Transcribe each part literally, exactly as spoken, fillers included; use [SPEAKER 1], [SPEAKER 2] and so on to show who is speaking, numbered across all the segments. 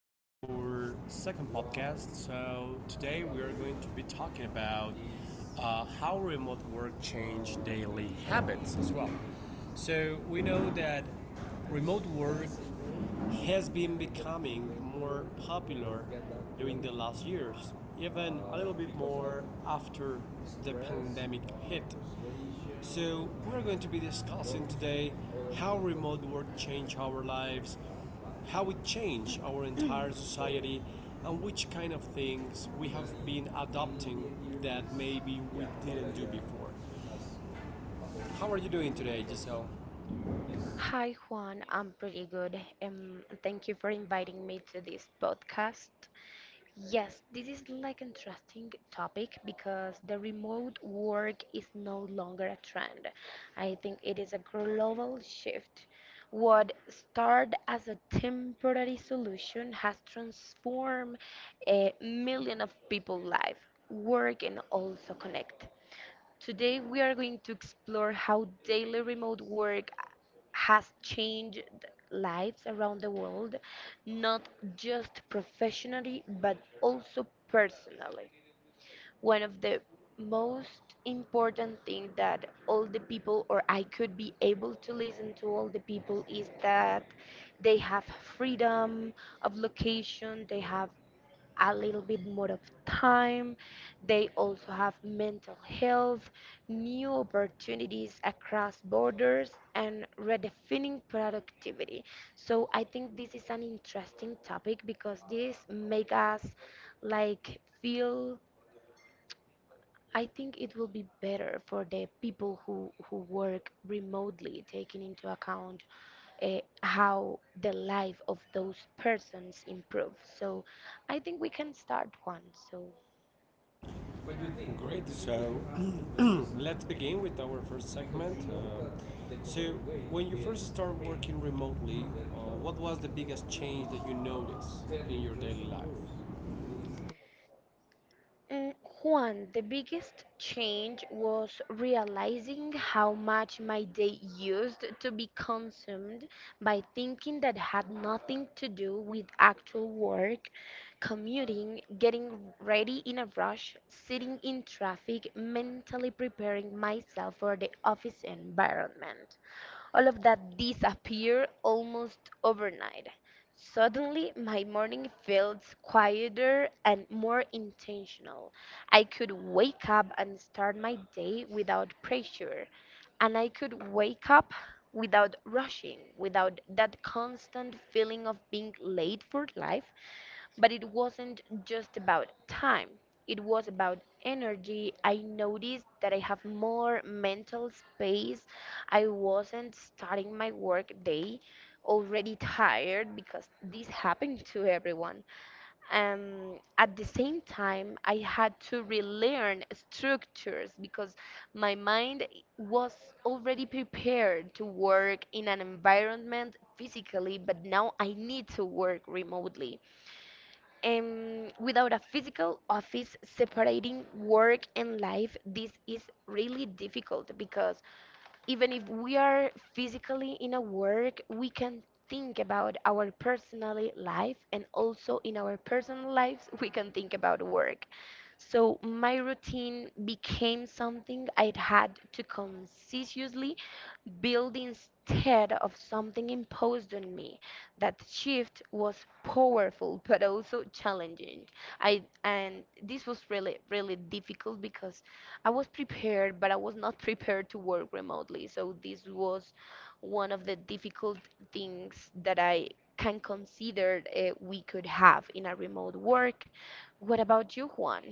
[SPEAKER 1] to our second podcast. So, today we are going to be talking about uh, how remote work changed daily habits as well. So, we know that remote work has been becoming more popular during the last years, even a little bit more after the pandemic hit. So, we're going to be discussing today how remote work changed our lives, how it changed our entire society, and which kind of things we have been adopting that maybe we didn't do before. How are you doing today, Giselle?
[SPEAKER 2] Hi Juan, I'm pretty good. Um, thank you for inviting me to this podcast. Yes, this is like an interesting topic because the remote work is no longer a trend. I think it is a global shift. What started as a temporary solution has transformed a million of people's life. Work and also connect. Today, we are going to explore how daily remote work has changed lives around the world, not just professionally, but also personally. One of the most important thing that all the people or I could be able to listen to all the people is that they have freedom of location, they have a little bit more of time. They also have mental health, new opportunities across borders, and redefining productivity. So I think this is an interesting topic because this make us like feel I think it will be better for the people who, who work remotely, taking into account uh, how the life of those persons improves. So I think we can start one. So
[SPEAKER 1] Great. So, let's begin with our first segment. Uh, so, when you first started working remotely, uh, what was the biggest change that you noticed in your daily life?
[SPEAKER 2] Mm, Juan, the biggest change was realizing how much my day used to be consumed by thinking that had nothing to do with actual work, commuting, getting ready in a rush, sitting in traffic, mentally preparing myself for the office environment. All of that disappeared almost overnight. Suddenly, my morning felt quieter and more intentional. I could wake up and start my day without pressure, and I could wake up without rushing, without that constant feeling of being late for life, but it wasn't just about time, it was about energy. I noticed that I have more mental space. I wasn't starting my work day already tired because this happened to everyone. Um, at the same time, I had to relearn structures because my mind was already prepared to work in an environment physically, but now I need to work remotely um, without a physical office separating work and life, this is really difficult because even if we are physically in a work, we can think about our personal life and also in our personal lives, we can think about work. So my routine became something I had to consciously built instead of something imposed on me. That shift was powerful but also challenging. I and this was really really difficult because I was prepared but I was not prepared to work remotely. So this was one of the difficult things that I can consider uh, we could have in a remote work. What about you, Juan?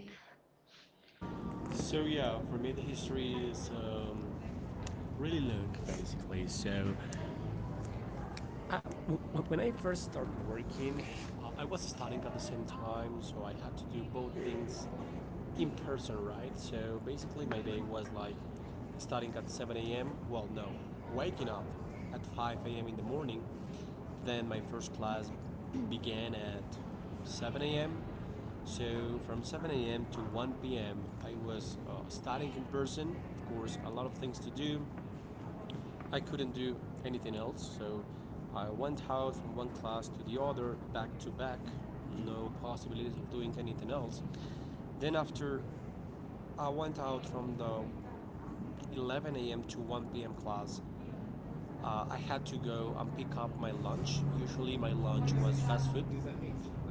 [SPEAKER 1] So yeah, for me the history is um, really long, basically. So I, w- when I first started working, uh, I was studying at the same time, so I had to do both things in person, right? So basically, my day was like starting at seven a m. Well, no, waking up at five a m in the morning. Then my first class began at seven a m. So from seven a m to one p m, I was uh, studying in person. Of course, a lot of things to do. I couldn't do anything else, so I went out from one class to the other, back to back, no possibilities of doing anything else. Then after I went out from the eleven a m to one p m class, uh, I had to go and pick up my lunch. Usually my lunch was fast food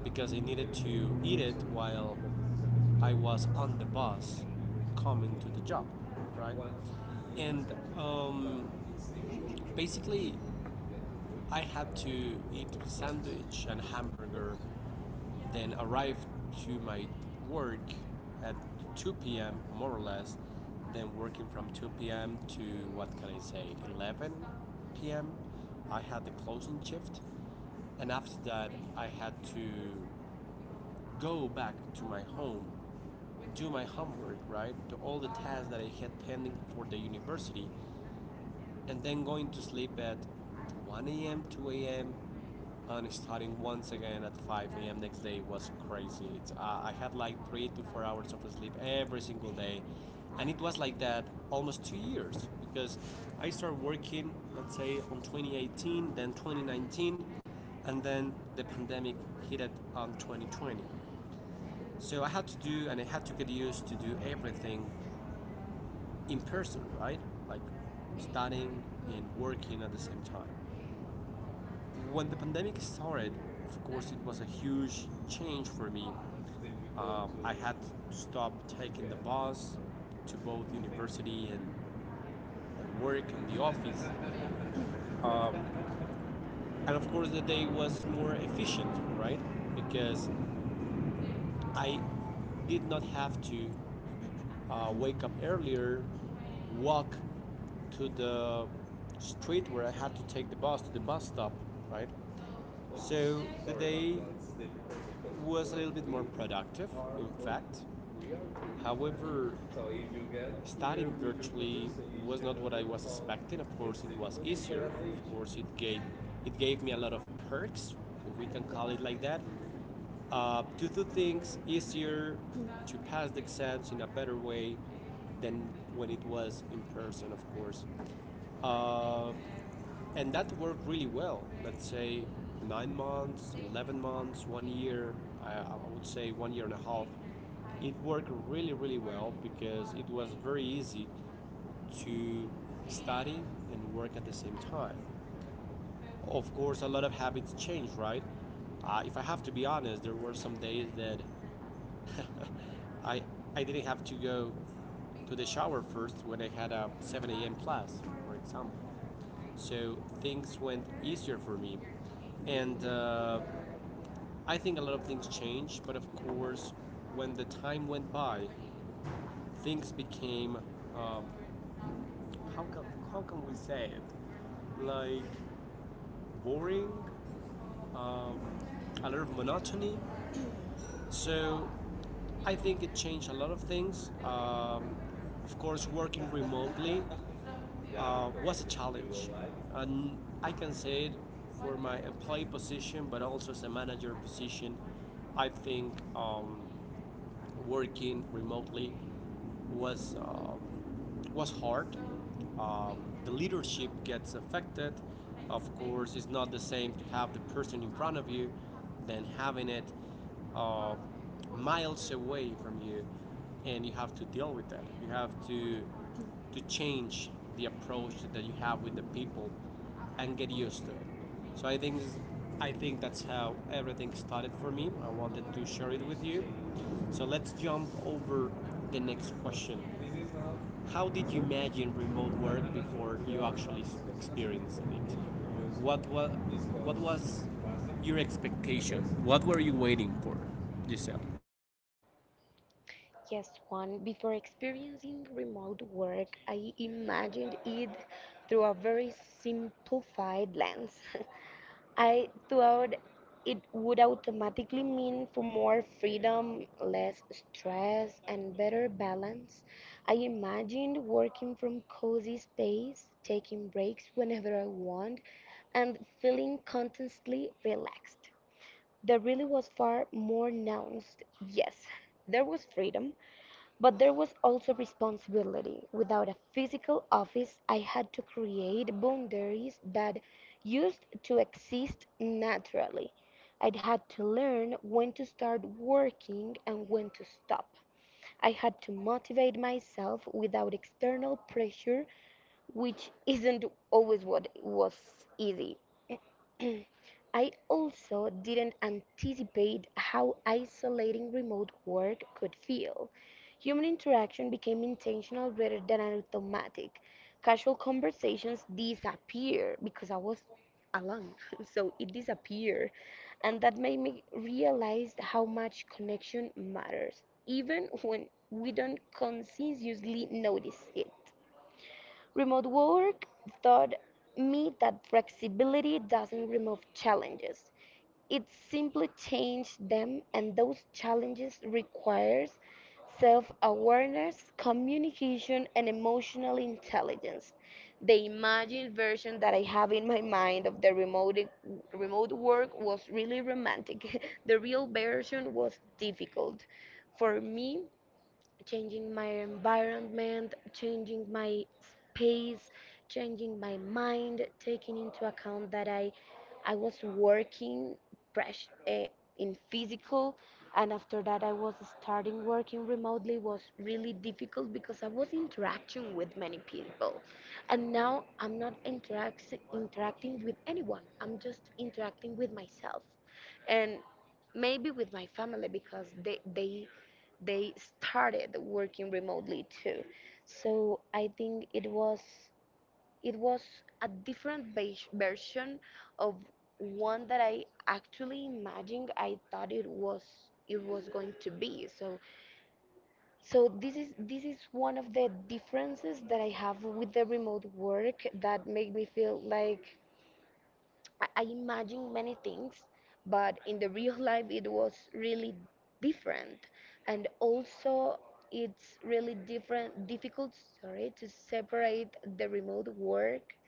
[SPEAKER 1] because I needed to eat it while I was on the bus coming to the job, right? And um, basically I had to eat sandwich and hamburger, then arrived to my work at two p m more or less. Then working from two p m to, what can I say, eleven p m. I had the closing shift, and after that I had to go back to my home, do my homework, right? To all the tasks that I had pending for the university, and then going to sleep at one a m, two a m, and starting once again at five a m next day was crazy. It's, I I had like three to four hours of sleep every single day, and it was like that almost two years because I started working, let's say, on twenty eighteen, then twenty nineteen, and then the pandemic hit it on twenty twenty. So I had to do, and I had to get used to do everything in person, right? Like studying and working at the same time. When the pandemic started, of course, it was a huge change for me. Um, I had to stop taking the bus to both university and work and the office. And of course, the day was more efficient, right? Because I did not have to uh, wake up earlier, walk to the street where I had to take the bus to the bus stop, right? So the day was a little bit more productive, in fact. However, studying virtually was not what I was expecting. Of course, it was easier. Of course, it gave it gave me a lot of perks, if we can call it like that, uh, to do things easier, to pass the exams in a better way than when it was in person. Of course, uh, and that worked really well. Let's say nine months, eleven months, one year, I, I would say one year and a half. It worked really, really well because it was very easy to study and work at the same time. Of course, a lot of habits change, right? Uh, if I have to be honest, there were some days that I, I didn't have to go to the shower first when I had a seven a m class, for example, so things went easier for me. And uh, I think a lot of things changed, but of course, when the time went by, things became, uh, how can how can we say it, like boring, a lot of monotony. So I think it changed a lot of things. Um, of course, working remotely uh, was a challenge. And I can say it for my employee position, but also as a manager position. I think um, working remotely was uh, was hard. Um, the leadership gets affected. Of course, it's not the same to have the person in front of you than having it uh, miles away from you, and you have to deal with that. You have to to change the approach that you have with the people and get used to it. So I think I think that's how everything started for me. I wanted to share it with you. So let's jump over the next question. How did you imagine remote work before you actually experienced it? What was, what was your expectation? What were you waiting for, Giselle?
[SPEAKER 2] Yes, Juan, before experiencing remote work, I imagined it through a very simplified lens. I thought it would automatically mean for more freedom, less stress, and better balance. I imagined working from cozy space, taking breaks whenever I want, and feeling constantly relaxed. There really was far more nuanced. Yes, there was freedom, but there was also responsibility. Without a physical office, I had to create boundaries that used to exist naturally. I would had to learn when to start working and when to stop. I had to motivate myself without external pressure which isn't always what was easy. I also didn't anticipate how isolating remote work could feel. Human interaction became intentional rather than automatic. Casual conversations disappear because I was alone, so it disappeared. And that made me realize how much connection matters, even when we don't consciously notice it. Remote work taught me that flexibility doesn't remove challenges. It simply changes them and those challenges requires self-awareness, communication and emotional intelligence. The imagined version that I have in my mind of the remote remote work was really romantic. The real version was difficult for me changing my environment, changing my space, changing my mind, taking into account that I, I was working fresh uh, in physical and after that I was starting working remotely was really difficult because I was interacting with many people and now I'm not interact- interacting with anyone. I'm just interacting with myself and maybe with my family because they they they started working remotely too. So I think it was it was a different bas- version of one that I actually imagined I thought it was it was going to be. So so this is this is one of the differences that I have with the remote work that make me feel like I I imagined many things, but in the real life it was really different. And also it's really different difficult sorry to separate the remote work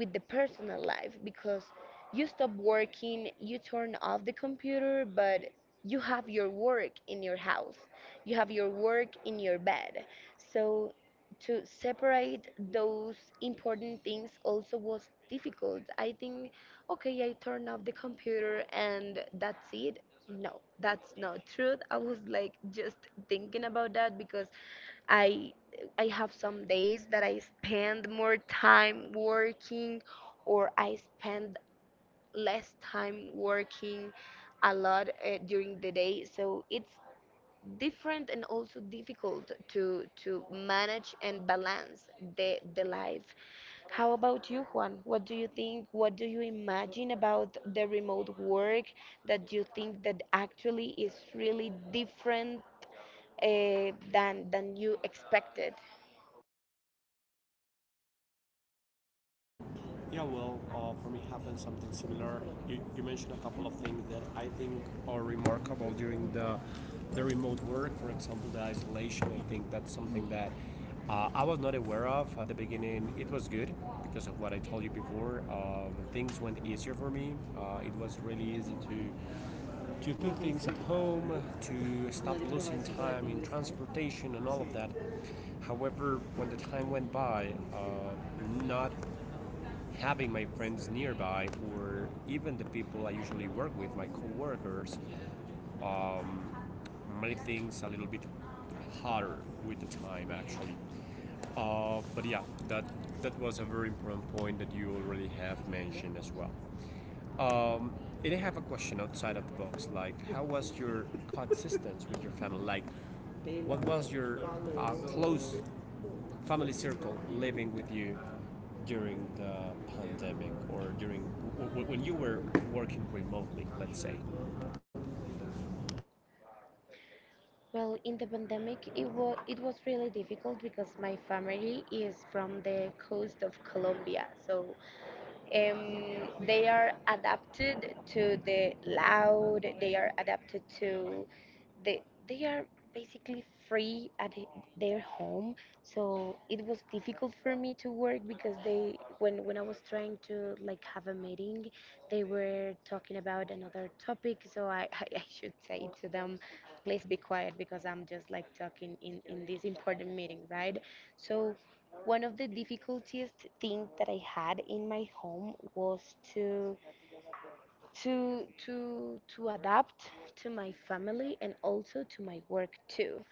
[SPEAKER 2] with the personal life because you stop working, you turn off the computer, but you have your work in your house. You have your work in your bed. So to separate those important things also was difficult. I think okay, I turned off the computer and that's it. No, that's not true. I was like just thinking about that because I I have some days that I spend more time working or I spend less time working a lot uh, during the day. So it's different and also difficult to to manage and balance the the life. How about you, Juan? What do you think? What do you imagine about the remote work that you think that actually is really different uh, than than you expected?
[SPEAKER 1] Yeah, well, uh, for me happened something similar. You, you mentioned a couple of things that I think are remarkable during the the remote work. For example, the isolation. I think that's something that uh, I was not aware of at the beginning. It was good because of what I told you before. Um, things went easier for me. Uh, it was really easy to to cook things at home, to stop losing time in transportation and all of that. However, when the time went by, uh, not having my friends nearby or even the people I usually work with, my coworkers, um, made things a little bit harder with the time, actually. Uh, but yeah, that that was a very important point that you already have mentioned as well. Um, and I have a question outside of the box, like how was your coexistence with your family? Like, what was your uh, close family circle living with you during the pandemic or during when you were working remotely, let's say?
[SPEAKER 2] Well, in the pandemic, it was it was really difficult because my family is from the coast of Colombia, so um, they are adapted to the loud they are adapted to the they are basically free at h- their home, so it was difficult for me to work because they when when I was trying to like have a meeting they were talking about another topic so I i, I should say to them please be quiet because I'm just like talking in in this important meeting, right? So one of the difficulties things that I had in my home was to to to to adapt to my family and also to my work too.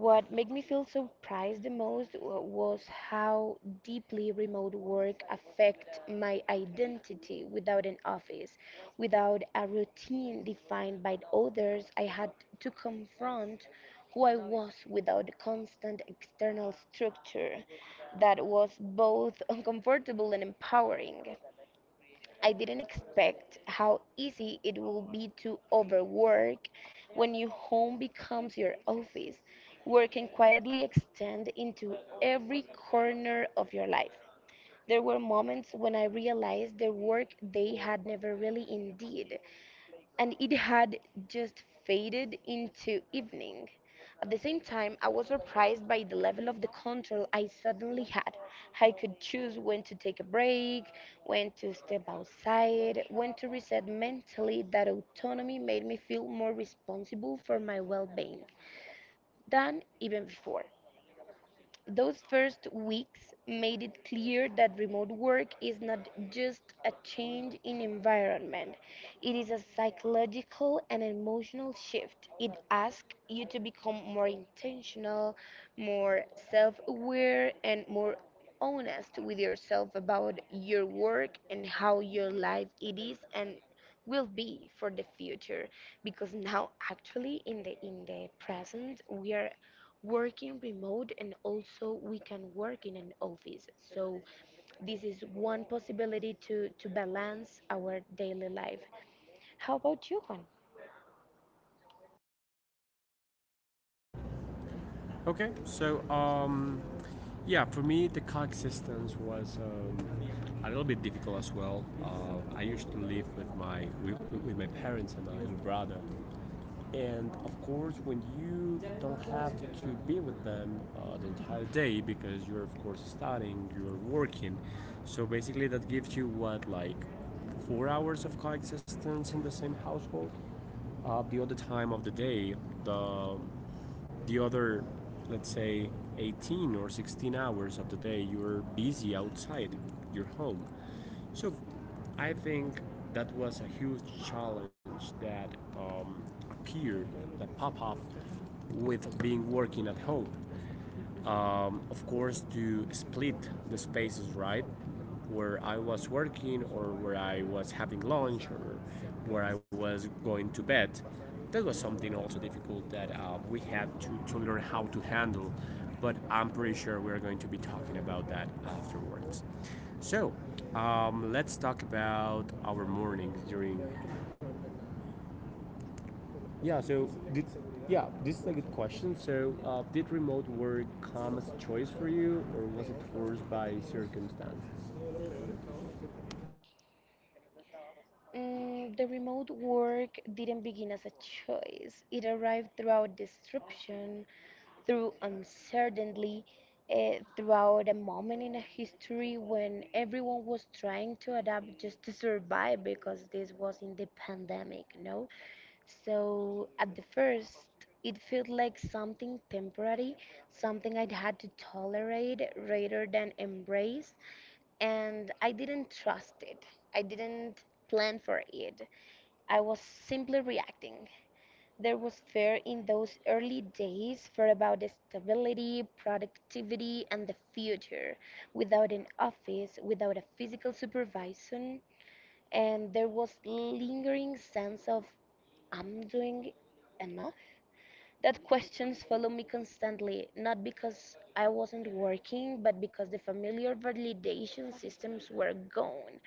[SPEAKER 2] What made me feel surprised the most wa- was how deeply remote work affect my identity without an office, without a routine defined by others. I had to confront who I was without constant external structure that was both uncomfortable and empowering. I didn't expect how easy it will be to overwork when your home becomes your office. Work can quietly extend into every corner of your life. There were moments when I realized the work they had never really indeed and it had just faded into evening. At the same time, I was surprised by the level of the control I suddenly had. I could choose when to take a break, when to step outside, when to reset mentally. That autonomy made me feel more responsible for my well being than even before. Those first weeks made it clear that remote work is not just a change in environment, it is a psychological and emotional shift. It asks you to become more intentional, more self aware, and more honest with yourself about your work and how your life it is and will be for the future because now actually in the in the present we are working remote and also we can work in an office. So this is one possibility to to balance our daily life. How about you, Juan?
[SPEAKER 1] Okay, so um, yeah, for me the coexistence was um, a little bit difficult as well. Uh, I used to live with my with, with my parents and my little brother. And of course, when you don't have to be with them uh, the entire day because you're, of course, studying, you're working. So basically, that gives you what, like four hours of coexistence in the same household? Uh, the other time of the day, the the other, let's say, eighteen or sixteen hours of the day, you're busy outside your home. So I think that was a huge challenge that um, appeared, that pop up with being working at home. Um, of course, to split the spaces, right? Where I was working, or where I was having lunch, or where I was going to bed, that was something also difficult that uh, we had to, to learn how to handle. But I'm pretty sure we're going to be talking about that afterwards. So um, let's talk about our mornings during, yeah. So did, yeah, this is a good question. So uh, did remote work come as a choice for you, or was it forced by circumstances?
[SPEAKER 2] Mm, the remote work didn't begin as a choice. It arrived throughout disruption, through uncertainty, uh, throughout a moment in a history when everyone was trying to adapt just to survive because this was in the pandemic, no? So at the first, it felt like something temporary, something I'd had to tolerate rather than embrace and I didn't trust it. I didn't plan for it. I was simply reacting. There was fear in those early days fear about the stability, productivity, and the future. Without an office, without a physical supervision, and there was lingering sense of I'm doing enough. That questions follow me constantly, not because I wasn't working, but because the familiar validation systems were gone.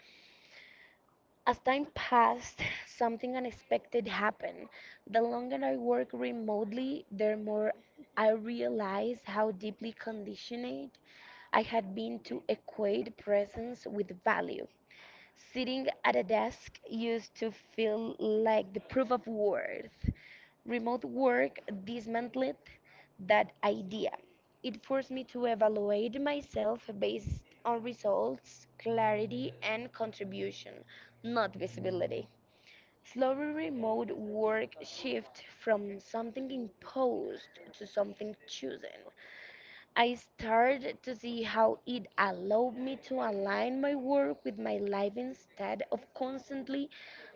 [SPEAKER 2] As time passed, something unexpected happened. The longer I worked remotely, the more I realized how deeply conditioned I had been to equate presence with value. Sitting at a desk used to feel like the proof of worth. Remote work dismantled that idea. It forced me to evaluate myself based on results, clarity, and contribution, not visibility. Slowly, remote work shift from something imposed to something chosen. I started to see how it allowed me to align my work with my life instead of constantly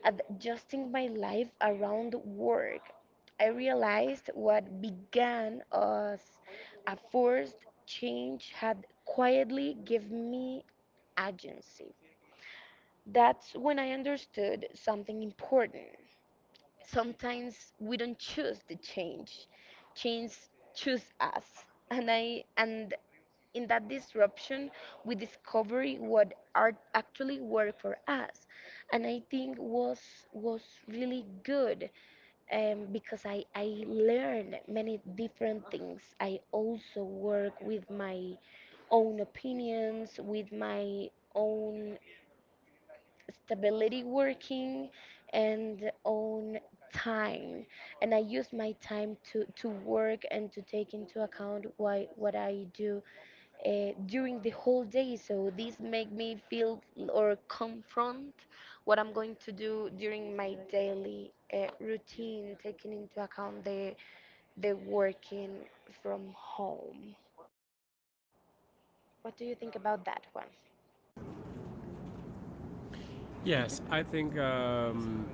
[SPEAKER 2] adjusting my life around work. I realized what began as a forced change had quietly given me agency. That's when I understood something important. Sometimes we don't choose the change, change choose us. And I and in that disruption, we discover what art actually work for us, and I think was was really good um, because I I learned many different things. I also work with my own opinions, with my own stability working and own time, and I use my time to to work and to take into account why what I do uh, during the whole day. So this make me feel or confront what I'm going to do during my daily uh, routine, taking into account the the working from home. What do you think about that one?
[SPEAKER 1] Yes, I think um,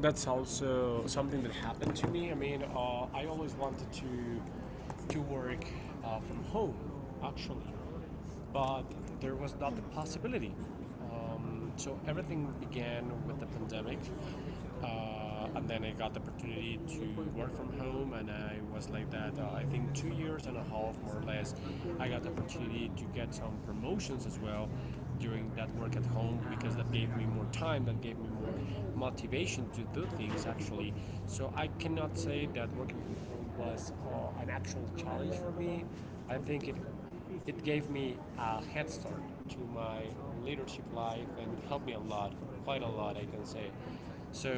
[SPEAKER 1] that's also something that happened to me. I mean, uh, I always wanted to to work uh, from home, actually. But there was not the possibility. Um, so everything began with the pandemic, uh, and then I got the opportunity to work from home, and I was like that. Uh, I think two years and a half, more or less. I got the opportunity to get some promotions as well during that work at home, because that gave me more time, that gave me more motivation to do things, actually. So I cannot say that working from home was uh, an actual challenge for me. I think it it gave me a head start to my leadership life, and it helped me a lot, quite a lot, I can say. So,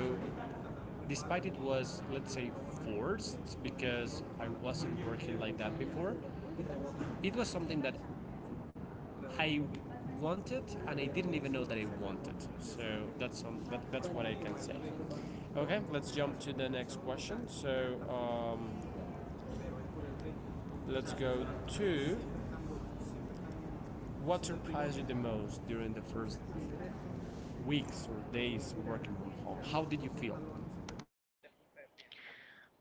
[SPEAKER 1] despite it was, let's say, forced because I wasn't working like that before, it was something that I wanted and I didn't even know that I wanted. So, that's, some, that, that's what I can say. Okay, let's jump to the next question. So, um, let's go to what surprised you the most during the first weeks or days working from home. How did you feel?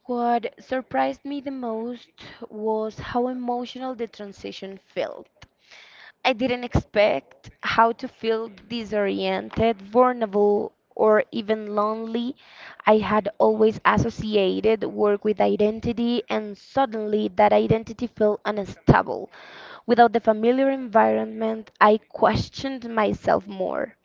[SPEAKER 2] What surprised me the most was how emotional the transition felt. I didn't expect how to feel disoriented, vulnerable, or even lonely. I had always associated work with identity, and suddenly that identity felt unstable. Without the familiar environment, I questioned myself more.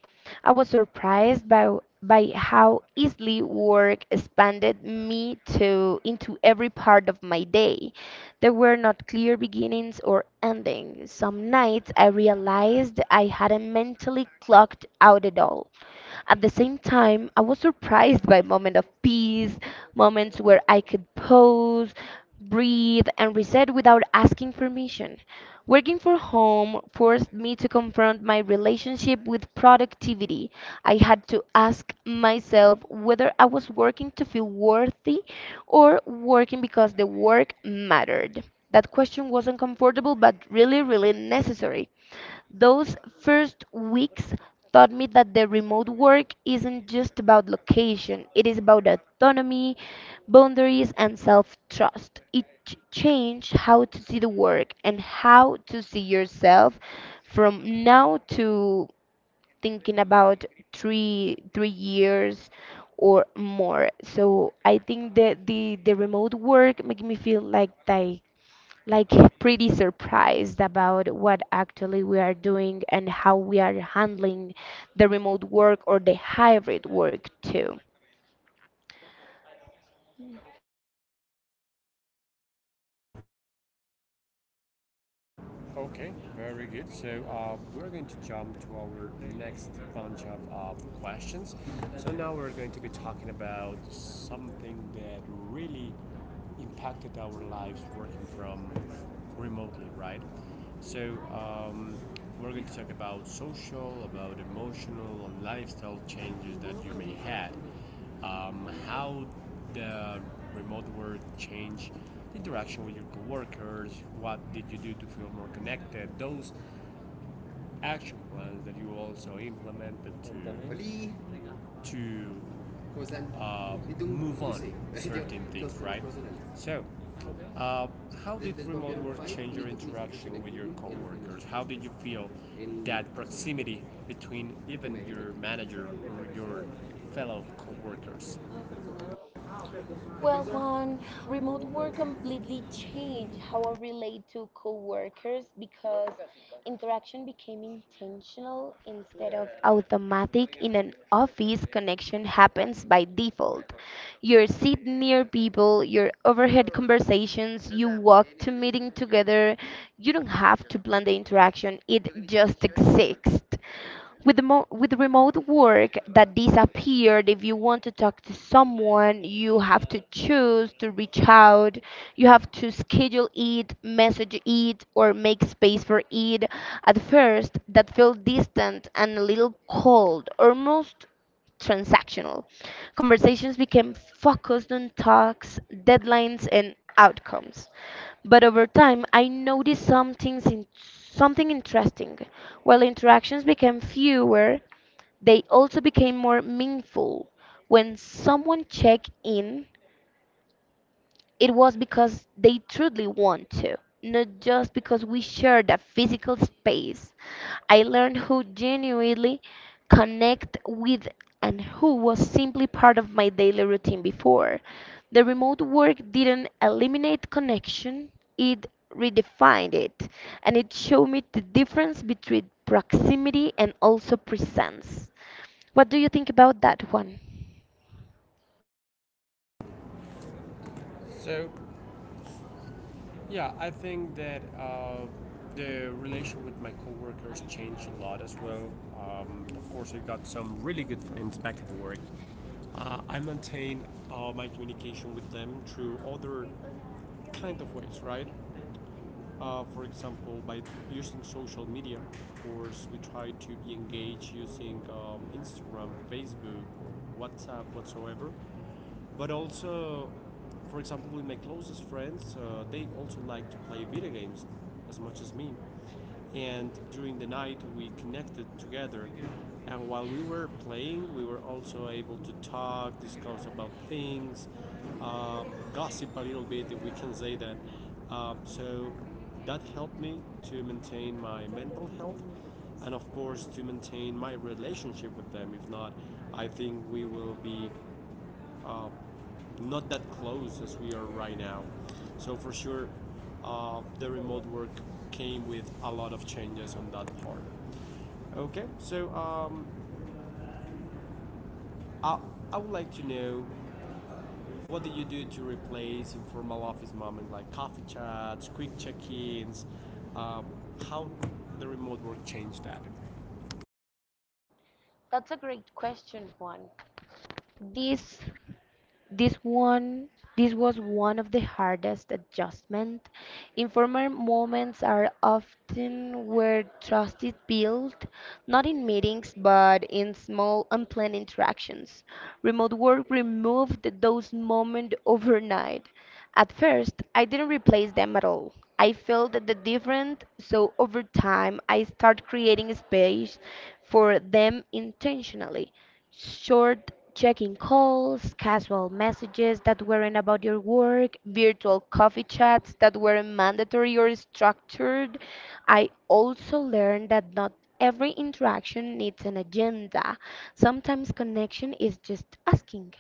[SPEAKER 2] I was surprised by by how easily work expanded me to into every part of my day. There were not clear beginnings or endings. Some nights I realized I hadn't mentally clocked out at all. At the same time, I was surprised by moments of peace, moments where I could pause, breathe, and reset without asking permission. Working from home forced me to confront my relationship with productivity. I had to ask myself whether I was working to feel worthy or working because the work mattered. That question was uncomfortable but really, really necessary. Those first weeks taught me that the remote work isn't just about location, it is about autonomy, boundaries and self trust. It ch- changed how to see the work and how to see yourself from now to thinking about three three years or more. So I think that the, the remote work make me feel like they like pretty surprised about what actually we are doing and how we are handling the remote work or the hybrid work too.
[SPEAKER 1] Okay, very good. So uh, we're going to jump to our next bunch of uh, questions. So now we're going to be talking about something that really impacted our lives working from remotely, right? So um, we're going to talk about social, about emotional, and lifestyle changes that you may had. um, how the remote work changed interaction with your coworkers, what did you do to feel more connected, those action plans that you also implemented to, to uh, move on certain things, right? So, how did remote work change your interaction with your coworkers? How did you feel that proximity between even your manager or your fellow coworkers? Well,
[SPEAKER 2] Well,
[SPEAKER 1] um,
[SPEAKER 2] Juan, remote
[SPEAKER 1] remote work
[SPEAKER 2] work
[SPEAKER 1] completely
[SPEAKER 2] completely
[SPEAKER 1] changed
[SPEAKER 2] changed how
[SPEAKER 1] how.
[SPEAKER 2] I relate to coworkers because interaction became intentional instead of automatic. In an office, connection happens by default. You sit near people, your overhead conversations, you walk to meeting together. You don't have to plan the interaction, it just exists with the mo- with remote work that disappeared. If you want to talk to someone, you have to choose to reach out, you have to schedule it, message it, or make space for it. At first that felt distant and a little cold, almost transactional. Conversations became focused on talks, deadlines, and outcomes. But over time, I noticed some things in, something interesting. While interactions became fewer, they also became more meaningful. When someone checked in, it was because they truly want to, not just because we share that physical space. I learned who genuinely connect with and who was simply part of my daily routine before. The remote work didn't eliminate connection, it redefined it, and it showed me the difference between proximity and also presence. What do you think about that one?
[SPEAKER 1] So, yeah, I think that uh, the relation with my coworkers changed a lot as well. Um, of course, I got some really good friends back at work. Uh, I maintain uh, my communication with them through other kind of ways, right? Uh, for example, by using social media. Of course, we try to be engaged using um, Instagram, Facebook, WhatsApp, whatsoever. But also, for example, with my closest friends, uh, they also like to play video games as much as me. And during the night, we connected together. And while we were playing, we were also able to talk, discuss about things, uh, gossip a little bit, if we can say that. Um, so that helped me to maintain my mental health and, of course, to maintain my relationship with them. If not, I think we will be uh, not that close as we are right now. So for sure, uh, the remote work came with a lot of changes on that part. Okay, so um, I, I would like to know, what do you do to replace informal office moments like coffee chats, quick check-ins, um, how the remote work changed that.
[SPEAKER 2] That's a great question, Juan. This this one this was one of the hardest adjustment. Informal moments are often where trust is built, not in meetings but in small unplanned interactions. Remote work removed those moments overnight. At first, I didn't replace them at all. I felt the different, so over time I started creating space for them intentionally. Short checking calls, casual messages that weren't about your work, virtual coffee chats that weren't mandatory or structured. I also learned that not every interaction needs an agenda. Sometimes connection is just asking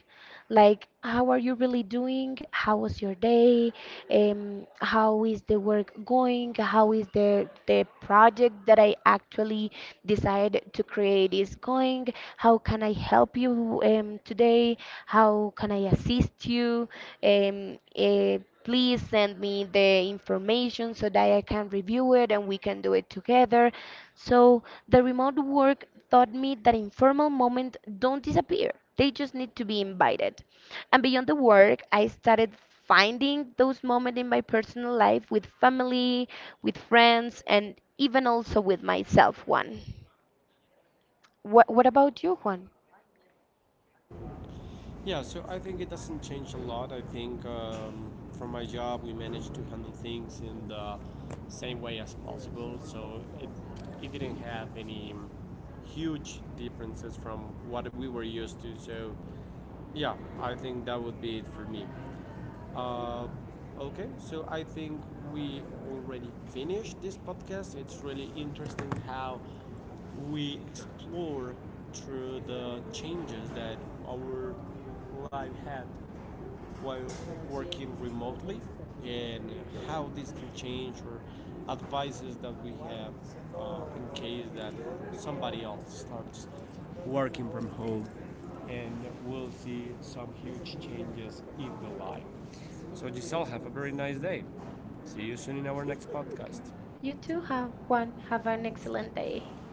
[SPEAKER 2] like, how are you really doing? How was your day? Um, how is the work going? How is the the project that I actually decided to create is going? How can I help you um, today? How can I assist you? Um, eh, please send me the information so that I can review it and we can do it together. So the remote work taught me that informal moments don't disappear. They just need to be invited. And beyond the work, I started finding those moments in my personal life with family, with friends, and even also with myself, Juan. What, what about you, Juan?
[SPEAKER 1] Yeah, so I think it doesn't change a lot. I think um, for my job, we managed to handle things in the same way as possible. So it, it didn't have any huge differences from what we were used to. So yeah, I think that would be it for me. Uh, okay, so I think we already finished this podcast. It's really interesting how we explore through the changes that our life had while working remotely, and how this can change, or advices that we have uh, in case that somebody else starts working from home and we'll see some huge changes in the life. So Giselle, have a very nice day. See you soon in our next podcast.
[SPEAKER 2] You
[SPEAKER 1] You too
[SPEAKER 2] too have
[SPEAKER 1] have one.
[SPEAKER 2] Juan. Have
[SPEAKER 1] Have
[SPEAKER 2] an
[SPEAKER 1] an
[SPEAKER 2] excellent
[SPEAKER 1] excellent
[SPEAKER 2] day.
[SPEAKER 1] day.